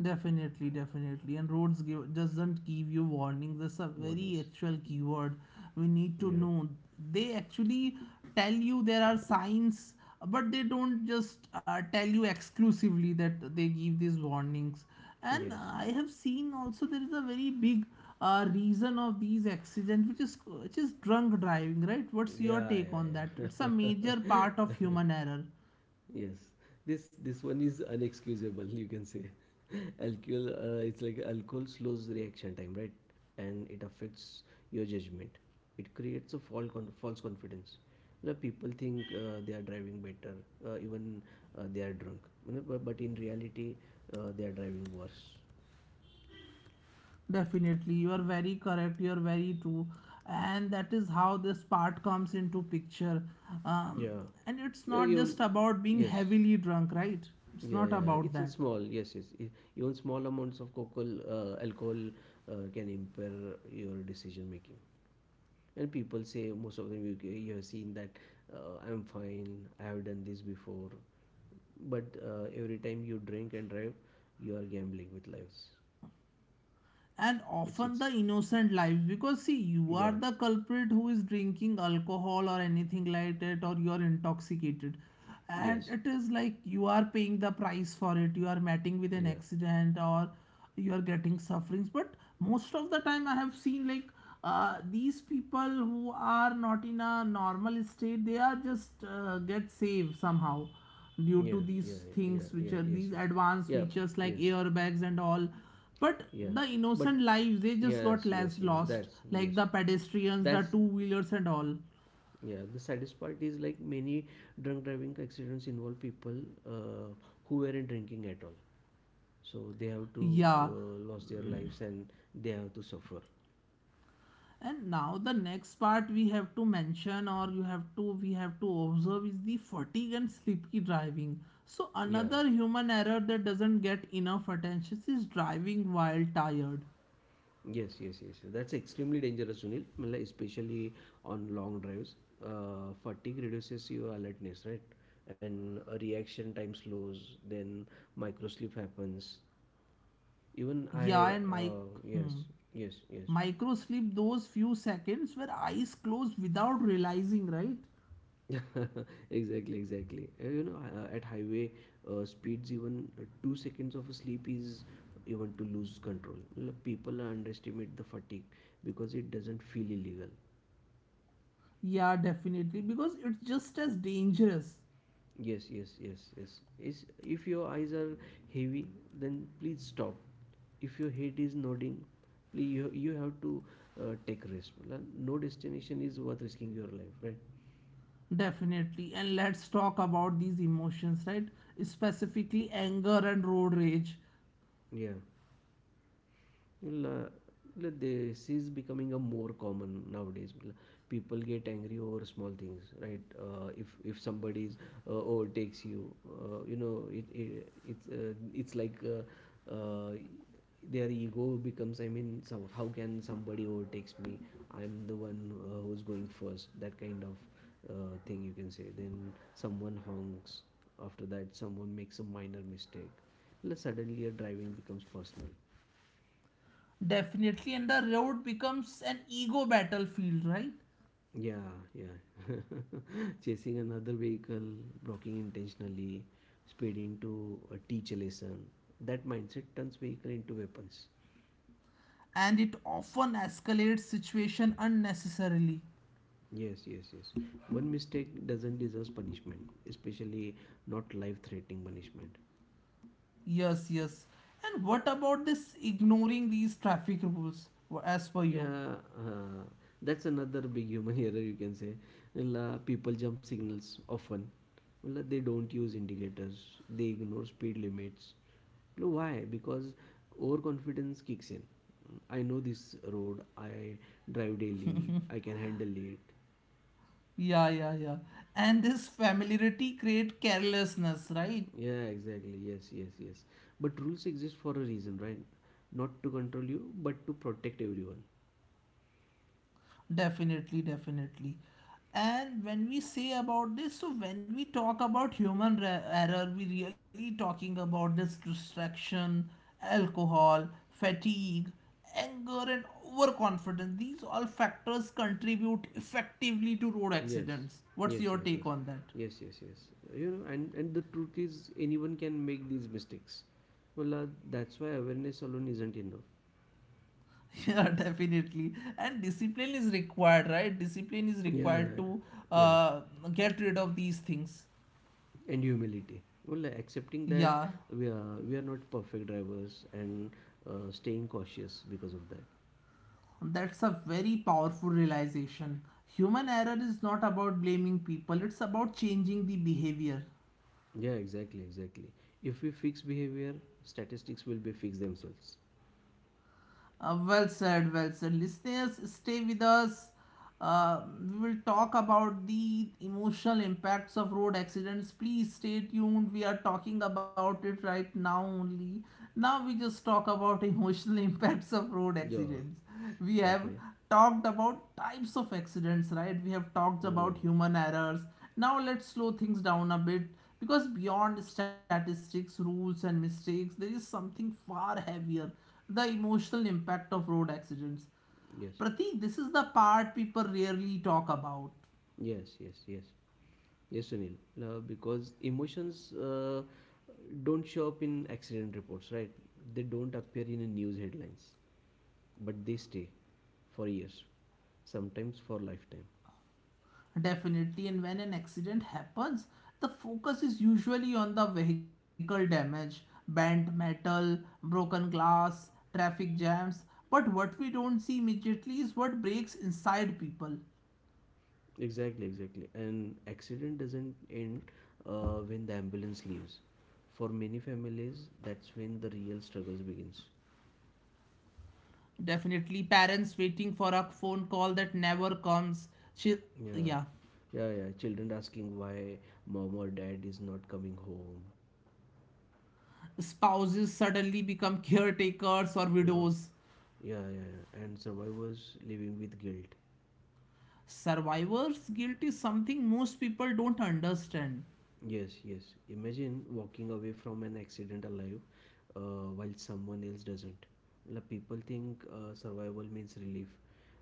S2: Definitely, definitely. And roads give, doesn't give you warnings. That's a very
S1: Warnings.
S2: actual keyword. We need to
S1: Yeah.
S2: know. They actually tell you there are signs, but they don't just tell you exclusively that they give these warnings. And
S1: Yes.
S2: I have seen also there is a very big reason of these accidents, which is drunk driving, right? What's your
S1: Yeah.
S2: take on that?
S1: Yeah.
S2: It's a major
S1: Yeah.
S2: part of human error.
S1: yes. This one is unexcusable, you can say. Alcohol. It's like alcohol slows reaction time, right? And it affects your judgment. It creates a false confidence. The people think they are driving better, even they are drunk. You know. But in reality, they are driving worse.
S2: Definitely, you are very correct. You are very true, and that is how this part comes into picture. Um,
S1: Yeah.
S2: and it's
S1: Yeah,
S2: not
S1: even
S2: just about being
S1: yes.
S2: heavily drunk, right? It's
S1: Yeah,
S2: not
S1: yeah,
S2: about
S1: it's in
S2: that.
S1: small. Yes, yes. Even small amounts of alcohol can impair your decision making. And people say most of them you have seen that I'm fine. I have done this before. But every time you drink and drive, you are gambling with lives.
S2: And often
S1: It's
S2: the innocent lives, because see, you
S1: yeah,
S2: are the culprit who is drinking alcohol or anything like that, or you are intoxicated, and
S1: yes,
S2: it is like you are paying the price for it. You are meeting with an
S1: yeah,
S2: accident, or you are getting sufferings. But most of the time I have seen like these people who are not in a normal state, they are just get saved somehow due
S1: yeah,
S2: to
S1: yeah,
S2: these
S1: yeah,
S2: things which
S1: yeah,
S2: are
S1: yes,
S2: these
S1: yes,
S2: advanced
S1: yeah,
S2: features like
S1: yes,
S2: airbags and all. But
S1: yeah.
S2: the
S1: But
S2: innocent lives, they just got
S1: yes
S2: less
S1: yes
S2: lost, like
S1: yes
S2: the pedestrians, the
S1: that's
S2: two wheelers, and all.
S1: Yeah, the saddest part is like many drunk driving accidents involve people uh, who weren't drinking at all. So they have to
S2: Yeah.
S1: lost their lives and they have to suffer.
S2: And now the next part we have to mention, or you have to, we have to observe, is the fatigue and sleepy driving. So
S1: Yeah.
S2: another human error that doesn't get enough attention is driving while tired.
S1: Yes, yes, yes. That's extremely dangerous, Sunil. Matlab, especially on long drives. Fatigue reduces your alertness, right? And a reaction time slows, then microsleep happens. Even I,
S2: Yeah, and my
S1: yes,
S2: hmm,
S1: yes, yes.
S2: micro sleep, those few seconds where eyes closed without realizing, right?
S1: Exactly, exactly. And you know, at highway speeds, even 2 seconds of sleep is even to lose control. People underestimate the fatigue because it doesn't feel illegal.
S2: Yeah, definitely, because it's just as dangerous.
S1: Yes yes yes yes is If your eyes are heavy, then please stop. If your head is nodding, please, you have to take risk. Well, no destination is worth risking your life, right?
S2: Definitely. And let's talk about these emotions, right? Specifically anger and road rage.
S1: Yeah. Well, like this is becoming a more common nowadays. Well, people get angry over small things, right? If somebody is, overtakes you, you know it's like their ego becomes. I mean, so how can somebody overtakes me? I'm the one who's going first. That kind of thing you can say. Then someone honks. After that, someone makes a minor mistake. Well, suddenly, your driving becomes personal.
S2: Definitely. And the road becomes an ego battlefield, right?
S1: Yeah, yeah. Chasing another vehicle, blocking intentionally, speeding to teach a lesson. That mindset turns vehicle into weapons.
S2: And it often escalates situation unnecessarily.
S1: Yes, yes, yes. One mistake doesn't deserve punishment, especially not life-threatening punishment.
S2: Yes, yes. And what about this ignoring these traffic rules as per you?
S1: Yeah, that's another big human error you can say. Well, people jump signals often. Well, they don't use indicators. They ignore speed limits. Well, why? Because overconfidence kicks in. I know this road. I drive daily. I can handle it.
S2: Yeah, yeah, yeah. And this familiarity create carelessness, right?
S1: Yeah, exactly. Yes, yes, yes. But rules exist for a reason, right? Not to control you, but to protect everyone.
S2: Definitely, definitely. And when we say about this, so when we talk about human error, we really talking about this distraction, alcohol, fatigue, anger, and overconfidence. These all factors contribute effectively to road
S1: Yes,
S2: accidents.
S1: yes,
S2: What's
S1: yes,
S2: your
S1: yes,
S2: take on that?
S1: yes, yes, yes. You know, and the truth is, anyone can make these mistakes. Well, that's why awareness alone isn't enough.
S2: Yeah, definitely. And discipline is required, right? Discipline is
S1: Yeah, yeah,
S2: required
S1: yeah,
S2: to
S1: yeah.
S2: uh, get rid of these things.
S1: And humility. Well, accepting that
S2: Yeah.
S1: we are not perfect drivers and staying cautious because of that.
S2: That's a very powerful realization. Human error is not about blaming people, it's about changing the behavior.
S1: Yeah, exactly, exactly. If we fix behavior, statistics will be fixed themselves.
S2: Well said, well said. Listeners, stay with us. Uh, we will talk about the emotional impacts of road accidents. Please stay tuned. We are talking about it right now only. Now we just talk about emotional impacts of road
S1: Yeah.
S2: accidents. We have
S1: Okay.
S2: talked about types of accidents, right? We have talked
S1: Oh,
S2: about human errors. Now let's slow things down a bit, because beyond statistics, rules and mistakes, there is something far heavier: the emotional impact of road accidents.
S1: yes.
S2: Pratik, this is the part people rarely talk about.
S1: Yes. Yes. Yes. Yes, Sunil. Because emotions don't show up in accident reports, right? They don't appear in the news headlines, but they stay for years, sometimes for lifetime.
S2: Definitely, and when an accident happens, the focus is usually on the vehicle damage, bent metal, broken glass, traffic jams. But what we don't see immediately is what breaks inside people.
S1: Exactly, exactly. And accident doesn't end when the ambulance leaves. For many families, that's when the real struggles begins.
S2: Definitely, parents waiting for a phone call that never comes. Chil-
S1: Yeah,
S2: yeah,
S1: yeah, yeah. Children asking why mom or dad is not coming home.
S2: Spouses suddenly become caretakers or
S1: You
S2: widows.
S1: Yeah, yeah, yeah. And survivors living with guilt.
S2: Survivor's guilt is something most people don't understand.
S1: Yes, yes. Imagine walking away from an accident alive while someone else doesn't. Like people think survival means relief,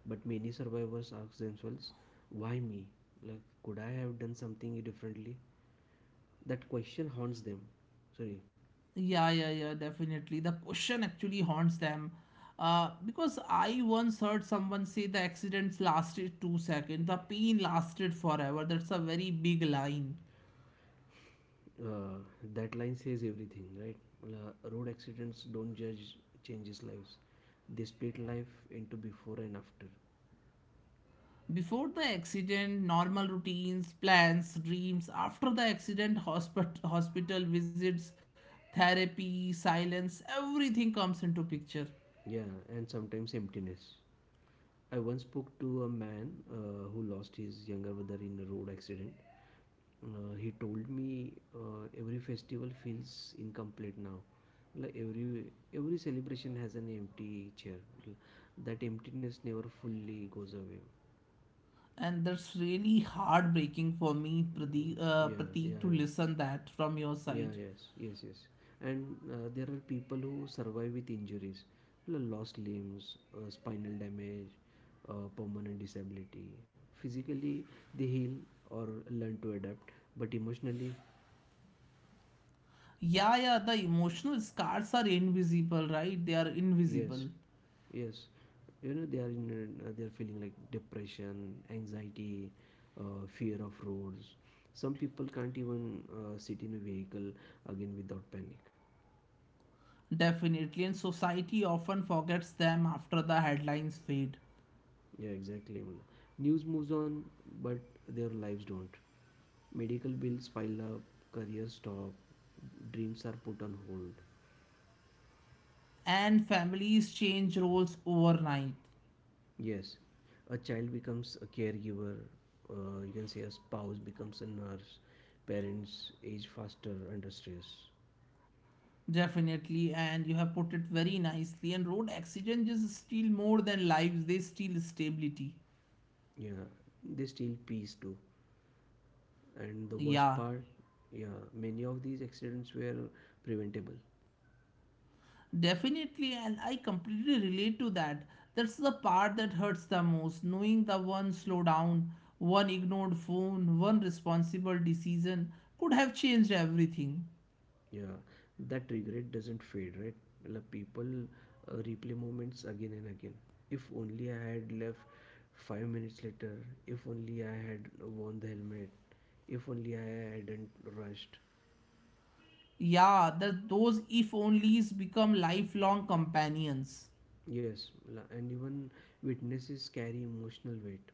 S1: but many survivors ask themselves, why me? Like, could I have done something differently? That question haunts them. Sorry,
S2: Yeah, yeah, yeah, definitely. The question actually haunts them. Because I once heard someone say the accidents lasted 2 seconds, the pain lasted forever. That's a very big line.
S1: uh, that line says everything, right? Road accidents don't judge, changes lives. They split life into before and after.
S2: Before the accident, normal routines, plans, dreams. After the accident, hospital, hospital visits, therapy, silence, everything comes into picture.
S1: Yeah, and sometimes emptiness. I once spoke to a man who lost his younger brother in a road accident. He told me every festival feels incomplete now. Like every celebration has an empty chair. That emptiness never fully goes away.
S2: And that's really heartbreaking for me,
S1: Mm, yeah, yeah,
S2: Prateek, to
S1: yeah.
S2: listen that from your
S1: Yeah,
S2: side.
S1: yes, yes, yes. And there are people who survive with injuries, lost limbs, spinal damage, permanent disability. Physically, they heal or learn to adapt, but emotionally,
S2: Yeah, yeah, the emotional scars are invisible, right? They are
S1: yes,
S2: invisible.
S1: yes. You know, they are feeling like depression, anxiety, fear of roads. Some people can't even sit in a vehicle again without panic.
S2: Definitely. And society often forgets them after the headlines fade.
S1: Yeah, exactly. Amla. News moves on, but their lives don't. Medical bills pile up, career stop, dreams are put on hold.
S2: And families change roles overnight.
S1: Yes, a child becomes a caregiver, you can say a spouse becomes a nurse, parents age faster under stress.
S2: Definitely. And you have put it very nicely. And road accidents just steal more than lives, they steal stability.
S1: Yeah, they steal peace too. And the worst
S2: Yeah.
S1: part, yeah, many of these accidents were preventable.
S2: Definitely, and I completely relate to that. That's the part that hurts the most, knowing the one slow down, one ignored phone, one responsible decision could have changed everything.
S1: Yeah, that regret doesn't fade, right? Like people replay moments again and again. If only I had left 5 minutes later. If only I had worn the helmet. If only I hadn't rushed.
S2: Yeah, that those if onlys become lifelong companions.
S1: Yes, and even witnesses carry emotional weight.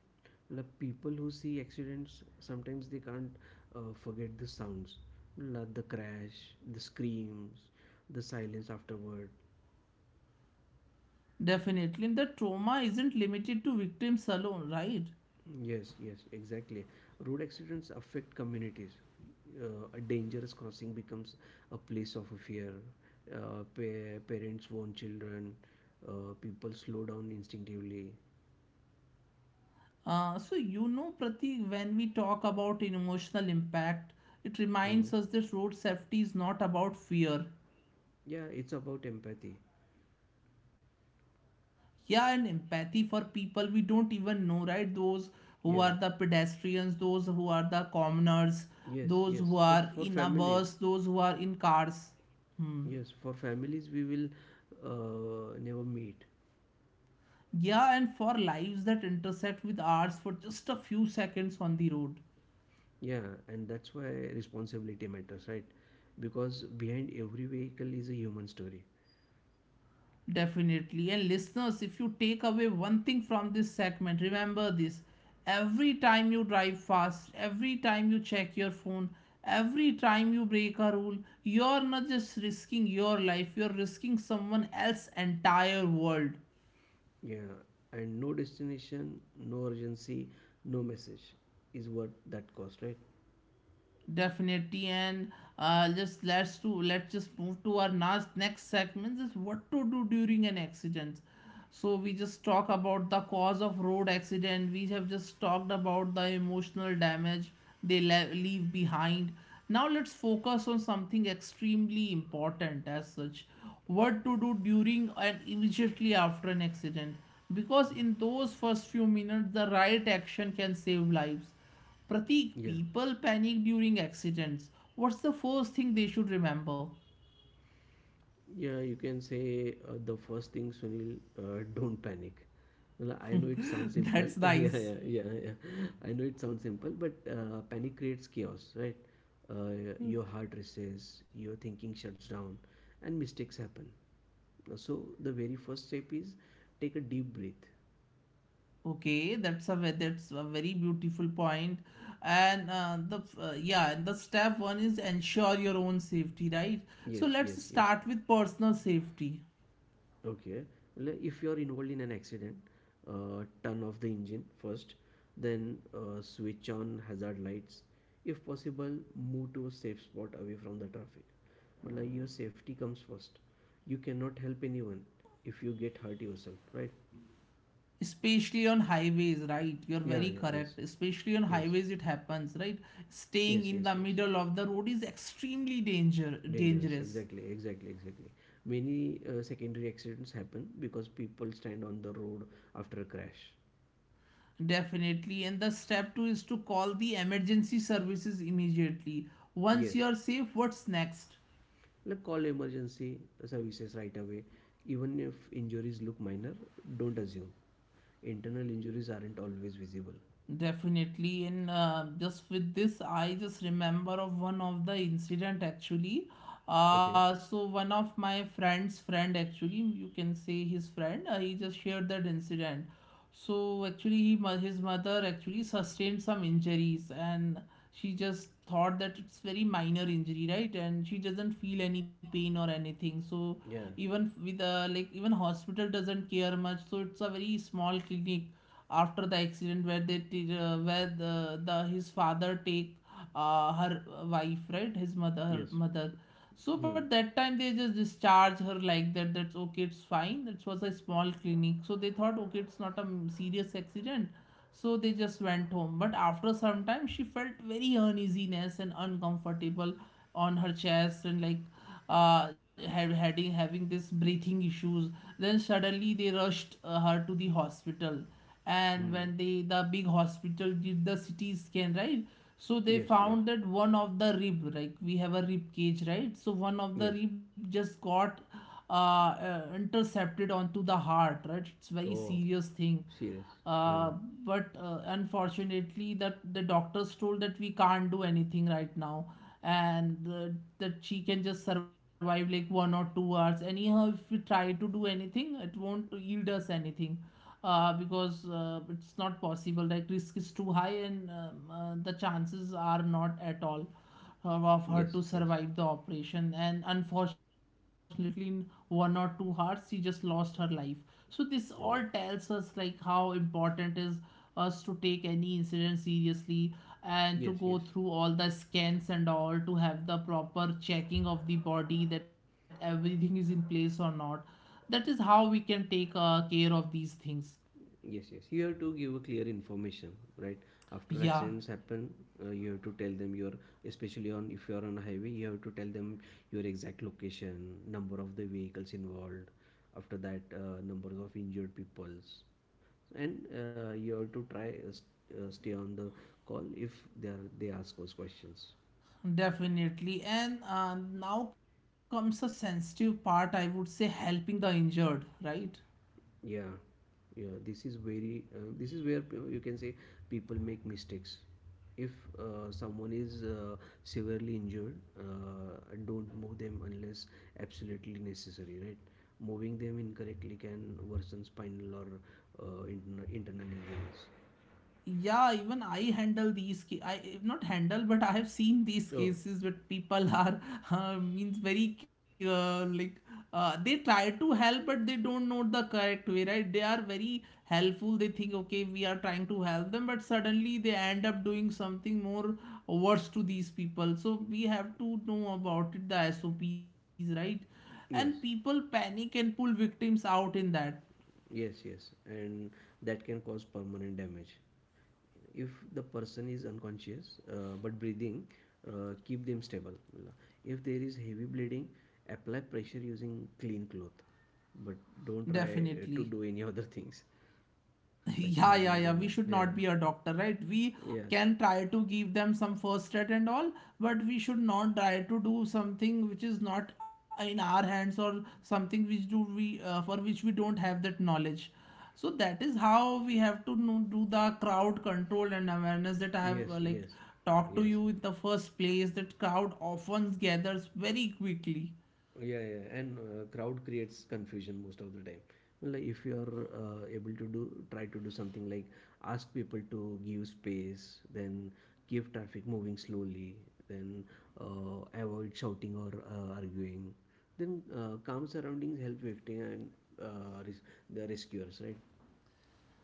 S1: Like people who see accidents, sometimes they can't forget the sounds, like the crash, the screams, the silence afterward.
S2: Definitely, and the trauma isn't limited to victims alone, right?
S1: Yes, yes, exactly. Road accidents affect communities. A dangerous crossing becomes a place of fear. Parents warn children. People slow down instinctively.
S2: So, you know, Pratik, when we talk about emotional impact, it reminds
S1: Mm.
S2: us that road safety is not about fear.
S1: Yeah, it's about empathy.
S2: Yeah, and empathy for people we don't even know, right? Those who
S1: Yeah,
S2: are the pedestrians, those who are the commoners,
S1: yes,
S2: those who
S1: yes. For
S2: are
S1: for
S2: in a
S1: families,
S2: bus, those who are in cars. Hmm.
S1: yes, for families we will never meet.
S2: Yeah, and for lives that intersect with ours for just a few seconds on the road.
S1: Yeah, and that's why responsibility matters, right? Because behind every vehicle is a human story.
S2: Definitely. And listeners, if you take away one thing from this segment, remember this. Every time you drive fast, every time you check your phone, every time you break a rule, you're not just risking your life, you're risking someone else's entire world.
S1: Yeah, and no destination, no urgency, no message is what that cost, right?
S2: Definitely. And just let's to let's just move to our next segment, is what to do during an accident. So we just talk about the cause of road accident, we have just talked about the emotional damage they leave behind. Now let's focus on something extremely important as such: what to do during and immediately after an accident, because in those first few minutes the right action can save lives. Pratik,
S1: Yeah,
S2: people panic during accidents. What's the first thing they should remember?
S1: yeah, you can say the first thing, Sunil, don't panic. Well, I know it sounds simple.
S2: That's
S1: Yeah,
S2: nice.
S1: yeah, yeah, yeah. I know it sounds simple, but panic creates chaos, right? Your heart races, your thinking shuts down, and mistakes happen. So the very first step is take a deep breath.
S2: Okay, that's a that's a very beautiful point. And and the step one is ensure your own safety, right? So
S1: Yes,
S2: let's
S1: yes, yes.
S2: start with personal safety,
S1: Okay. Well, if you're involved in an accident, turn off the engine first, then switch on hazard lights. If possible, move to a safe spot away from the traffic. But like your safety comes first. You cannot help anyone if you get hurt yourself, right?
S2: especially on highways, right? You're
S1: Yeah,
S2: very
S1: yeah, yes,
S2: correct. Especially on
S1: yes,
S2: highways, it happens, right? Staying
S1: yes,
S2: in
S1: yes,
S2: the
S1: yes.
S2: middle of the road is extremely
S1: Dangerous,
S2: dangerous.
S1: exactly, exactly, exactly. Many secondary accidents happen because people stand on the road after a crash.
S2: Definitely. And the step two is to call the emergency services immediately. Once
S1: Yes,
S2: you are safe, what's next?
S1: like call emergency services right away, even if injuries look minor. Don't assume. Internal injuries aren't always visible.
S2: Definitely, and just with this, I just remember of one of the incident actually.
S1: Okay.
S2: So one of my friend's friend actually, you can say his friend, he just shared that incident. So actually, he, his mother actually sustained some injuries, and she just thought that it's very minor injury, right? And she doesn't feel any pain or anything. So
S1: Yeah.
S2: even with like even hospital doesn't care much. So it's a very small clinic after the accident where they where the his father take her wife, right, his mother, her
S1: Yes.
S2: mother. So
S1: Hmm.
S2: but that time they just discharge her like that. That's okay, it's fine, it was a small clinic, so they thought, okay, it's not a serious accident. So they just went home. But after some time, she felt very uneasiness and uncomfortable on her chest, and like had, having having this breathing issues. Then suddenly they rushed her to the hospital, and
S1: Hmm.
S2: when they, the big hospital, did the CT scan, right? So they
S1: Yes, yes,
S2: found that one of the rib, like we have a rib cage, right? So one of
S1: yes.
S2: the rib just got intercepted onto the heart, right? It's very
S1: Oh,
S2: serious thing.
S1: serious. Uh,
S2: Uh, but Unfortunately, that the doctors told that we can't do anything right now, and that she can just survive like 1 or 2 hours. Anyhow, if we try to do anything, it won't yield us anything, because it's not possible. Like risk is too high, and the chances are not at all of her to
S1: yes, yes.
S2: survive the operation. And unfortunately, in one or two hearts, she just lost her life. So this all tells
S1: Oh.
S2: us like how important is us to take any incident seriously, and to
S1: Yes,
S2: go
S1: yes,
S2: through all the scans and all, to have the proper checking of the body, that everything is in place or not. That is how we can take care of these things.
S1: yes, yes. You have to give a clear information, right? After
S2: Yeah.
S1: accidents happen, you have to tell them your, especially on if you are on a highway, you have to tell them your exact location, number of the vehicles involved, after that numbers of injured peoples, and you have to try stay on the call if they ask us questions.
S2: Definitely. And now comes a sensitive part, I would say, helping the injured, right?
S1: Yeah, yeah, this is very this is where you can say people make mistakes. If someone is severely injured, don't move them unless absolutely necessary, right? Moving them incorrectly can worsen spinal or internal injuries.
S2: Yeah, even I not handle but I have seen these
S1: Oh.
S2: cases where people are means very like they try to help, but they don't know the correct way, right? They are very helpful, they think, okay, we are trying to help them, but suddenly they end up doing something more worse to these people. So we have to know about it, the SOPs, right? And people
S1: Yes,
S2: panic and pull victims out in that.
S1: yes, yes. And that can cause permanent damage. If the person is unconscious but breathing, keep them stable. If there is heavy bleeding, apply pressure using clean cloth, but don't try
S2: Definitely.
S1: to do any other things like
S2: Yeah, yeah, yeah,
S1: moving
S2: we
S1: them and
S2: should not
S1: yeah.
S2: be a doctor, right? We
S1: Yes,
S2: can try to give them some first aid and all, but we should not try to do something which is not in our hands, or something which do we for which we don't have that knowledge. So that is how we have to know, do the crowd control and awareness, that I have
S1: yes,
S2: like
S1: yes,
S2: talked to
S1: yes.
S2: you in the first place, that crowd often gathers very quickly.
S1: Yeah, yeah, and crowd creates confusion most of the time. Like if you are able to do, try to do something, like ask people to give space, then keep traffic moving slowly, then avoid shouting or arguing. Then calm surroundings help victim and uh, res- the rescuers, right?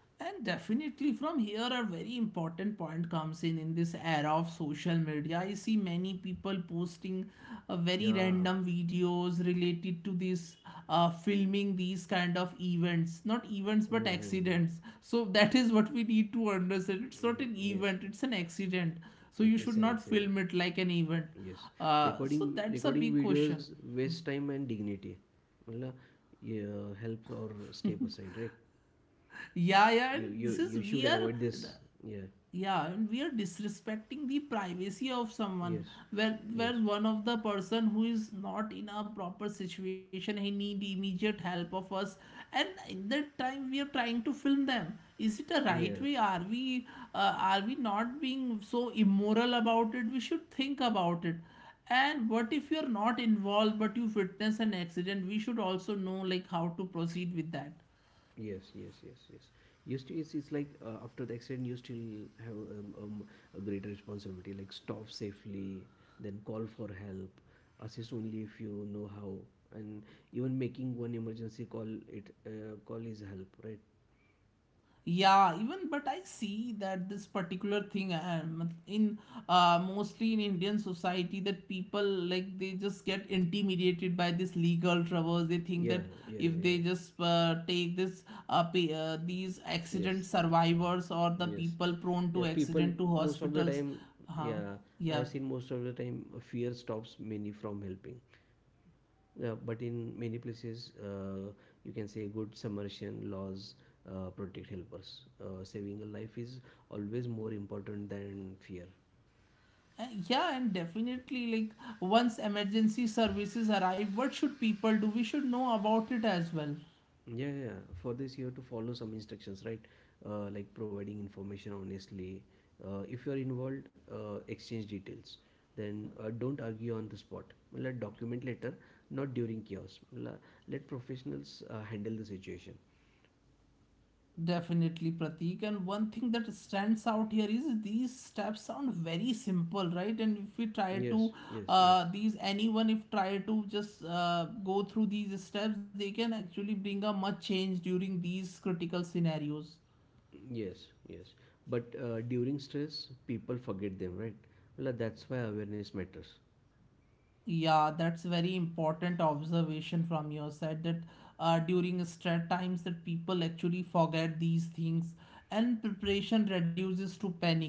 S2: And definitely from here a very important point comes in this era of social media, I see many people posting very
S1: Yeah.
S2: random videos related to this, filming these kind of events, not events but
S1: Mm-hmm.
S2: accidents. So that is what we need to understand. It's not an
S1: Yes,
S2: event,
S1: yes.
S2: it's an accident. So you
S1: It's
S2: should
S1: an
S2: not
S1: accident.
S2: film it like an event.
S1: Yes, recording
S2: So that's a
S1: recording
S2: big
S1: videos
S2: question.
S1: waste time and dignity. मतलब ये helps or step aside, right?
S2: Yeah, yeah, and this is
S1: You should
S2: we are
S1: avoid this. Yeah.
S2: yeah and we are disrespecting the privacy of someone,
S1: Yes,
S2: where
S1: yes.
S2: one of the person who is not in a proper situation, he need immediate help of us, and in that time we are trying to film them. Is it a
S1: Yeah,
S2: right way? Are we are we not being so immoral about it? We should think about it. And what if you are not involved but you witness an accident? We should also know like how to proceed with that.
S1: yes, yes, yes, yes. You still, it's like after the accident, you still have a greater responsibility, like stop safely, then call for help, assist only if you know how, and even making one emergency call it call is help, right?
S2: Yeah, even but I see that this particular thing in mostly in Indian society, that people like, they just get intimidated by this legal troubles. They think
S1: Yeah,
S2: that
S1: yeah,
S2: if they
S1: yeah.
S2: just these accident
S1: Yes.
S2: survivors or the
S1: Yes.
S2: people prone
S1: Yeah,
S2: to
S1: people
S2: accident, to
S1: most of the
S2: hospitals,
S1: time,
S2: huh?
S1: yeah, I
S2: Yeah.
S1: have seen most of the time fear stops many from helping. Yeah, but in many places, you can say good submersion laws protect helpers. Saving a life is always more important than fear.
S2: Yeah, and definitely, like once emergency services arrive, what should people do? We should know about it as well.
S1: Yeah, yeah. Yeah. For this, you have to follow some instructions, right? Like providing information honestly. If you are involved, exchange details. Then don't argue on the spot. Well, let document later, not during chaos. Let professionals handle the situation.
S2: Definitely, Pratik. And one thing that stands out here is these steps sound very simple, right? And if we try
S1: Yes,
S2: to,
S1: yes, yes,
S2: these, anyone if try to just go through these steps, they can actually bring a much change during these critical scenarios.
S1: yes, yes. But during stress, people forget them, right? Well, that's why awareness matters.
S2: Yeah, that's very important observation from your side, that during stress times that people actually forget these things, and preparation reduces to panic.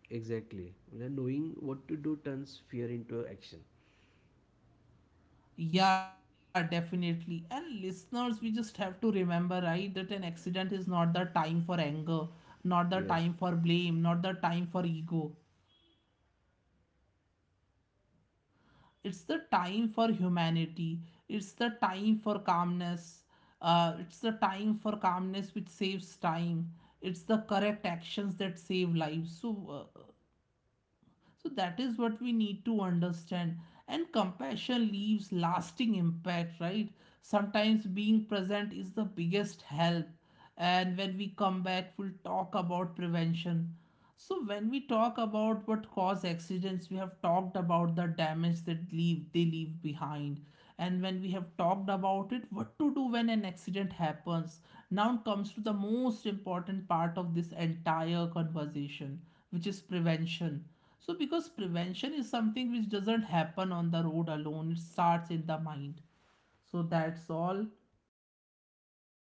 S1: Exactly. Well, knowing what to do turns fear into action.
S2: Yeah, definitely. And listeners, we just have to remember, right, that an accident is not the time for anger, not the time for
S1: Yes.
S2: blame, not the time for ego. It's the time for humanity. It's the time for calmness. It's the time for calmness which
S1: It's the
S2: saves
S1: time for
S2: time. It's
S1: humanity.
S2: the correct actions that save lives. So, so that is what we need to understand. And compassion leaves lasting impact, right? Sometimes being present is the biggest help. And when we come back, we'll talk about prevention. So when we talk about what cause accidents, we have talked about the damage that leave behind. And when we have talked about it, what to do when an accident happens. Now comes to the most important part of this entire conversation, which is prevention. So, because prevention is something which doesn't happen on the road alone, it starts in the mind. So, that's all.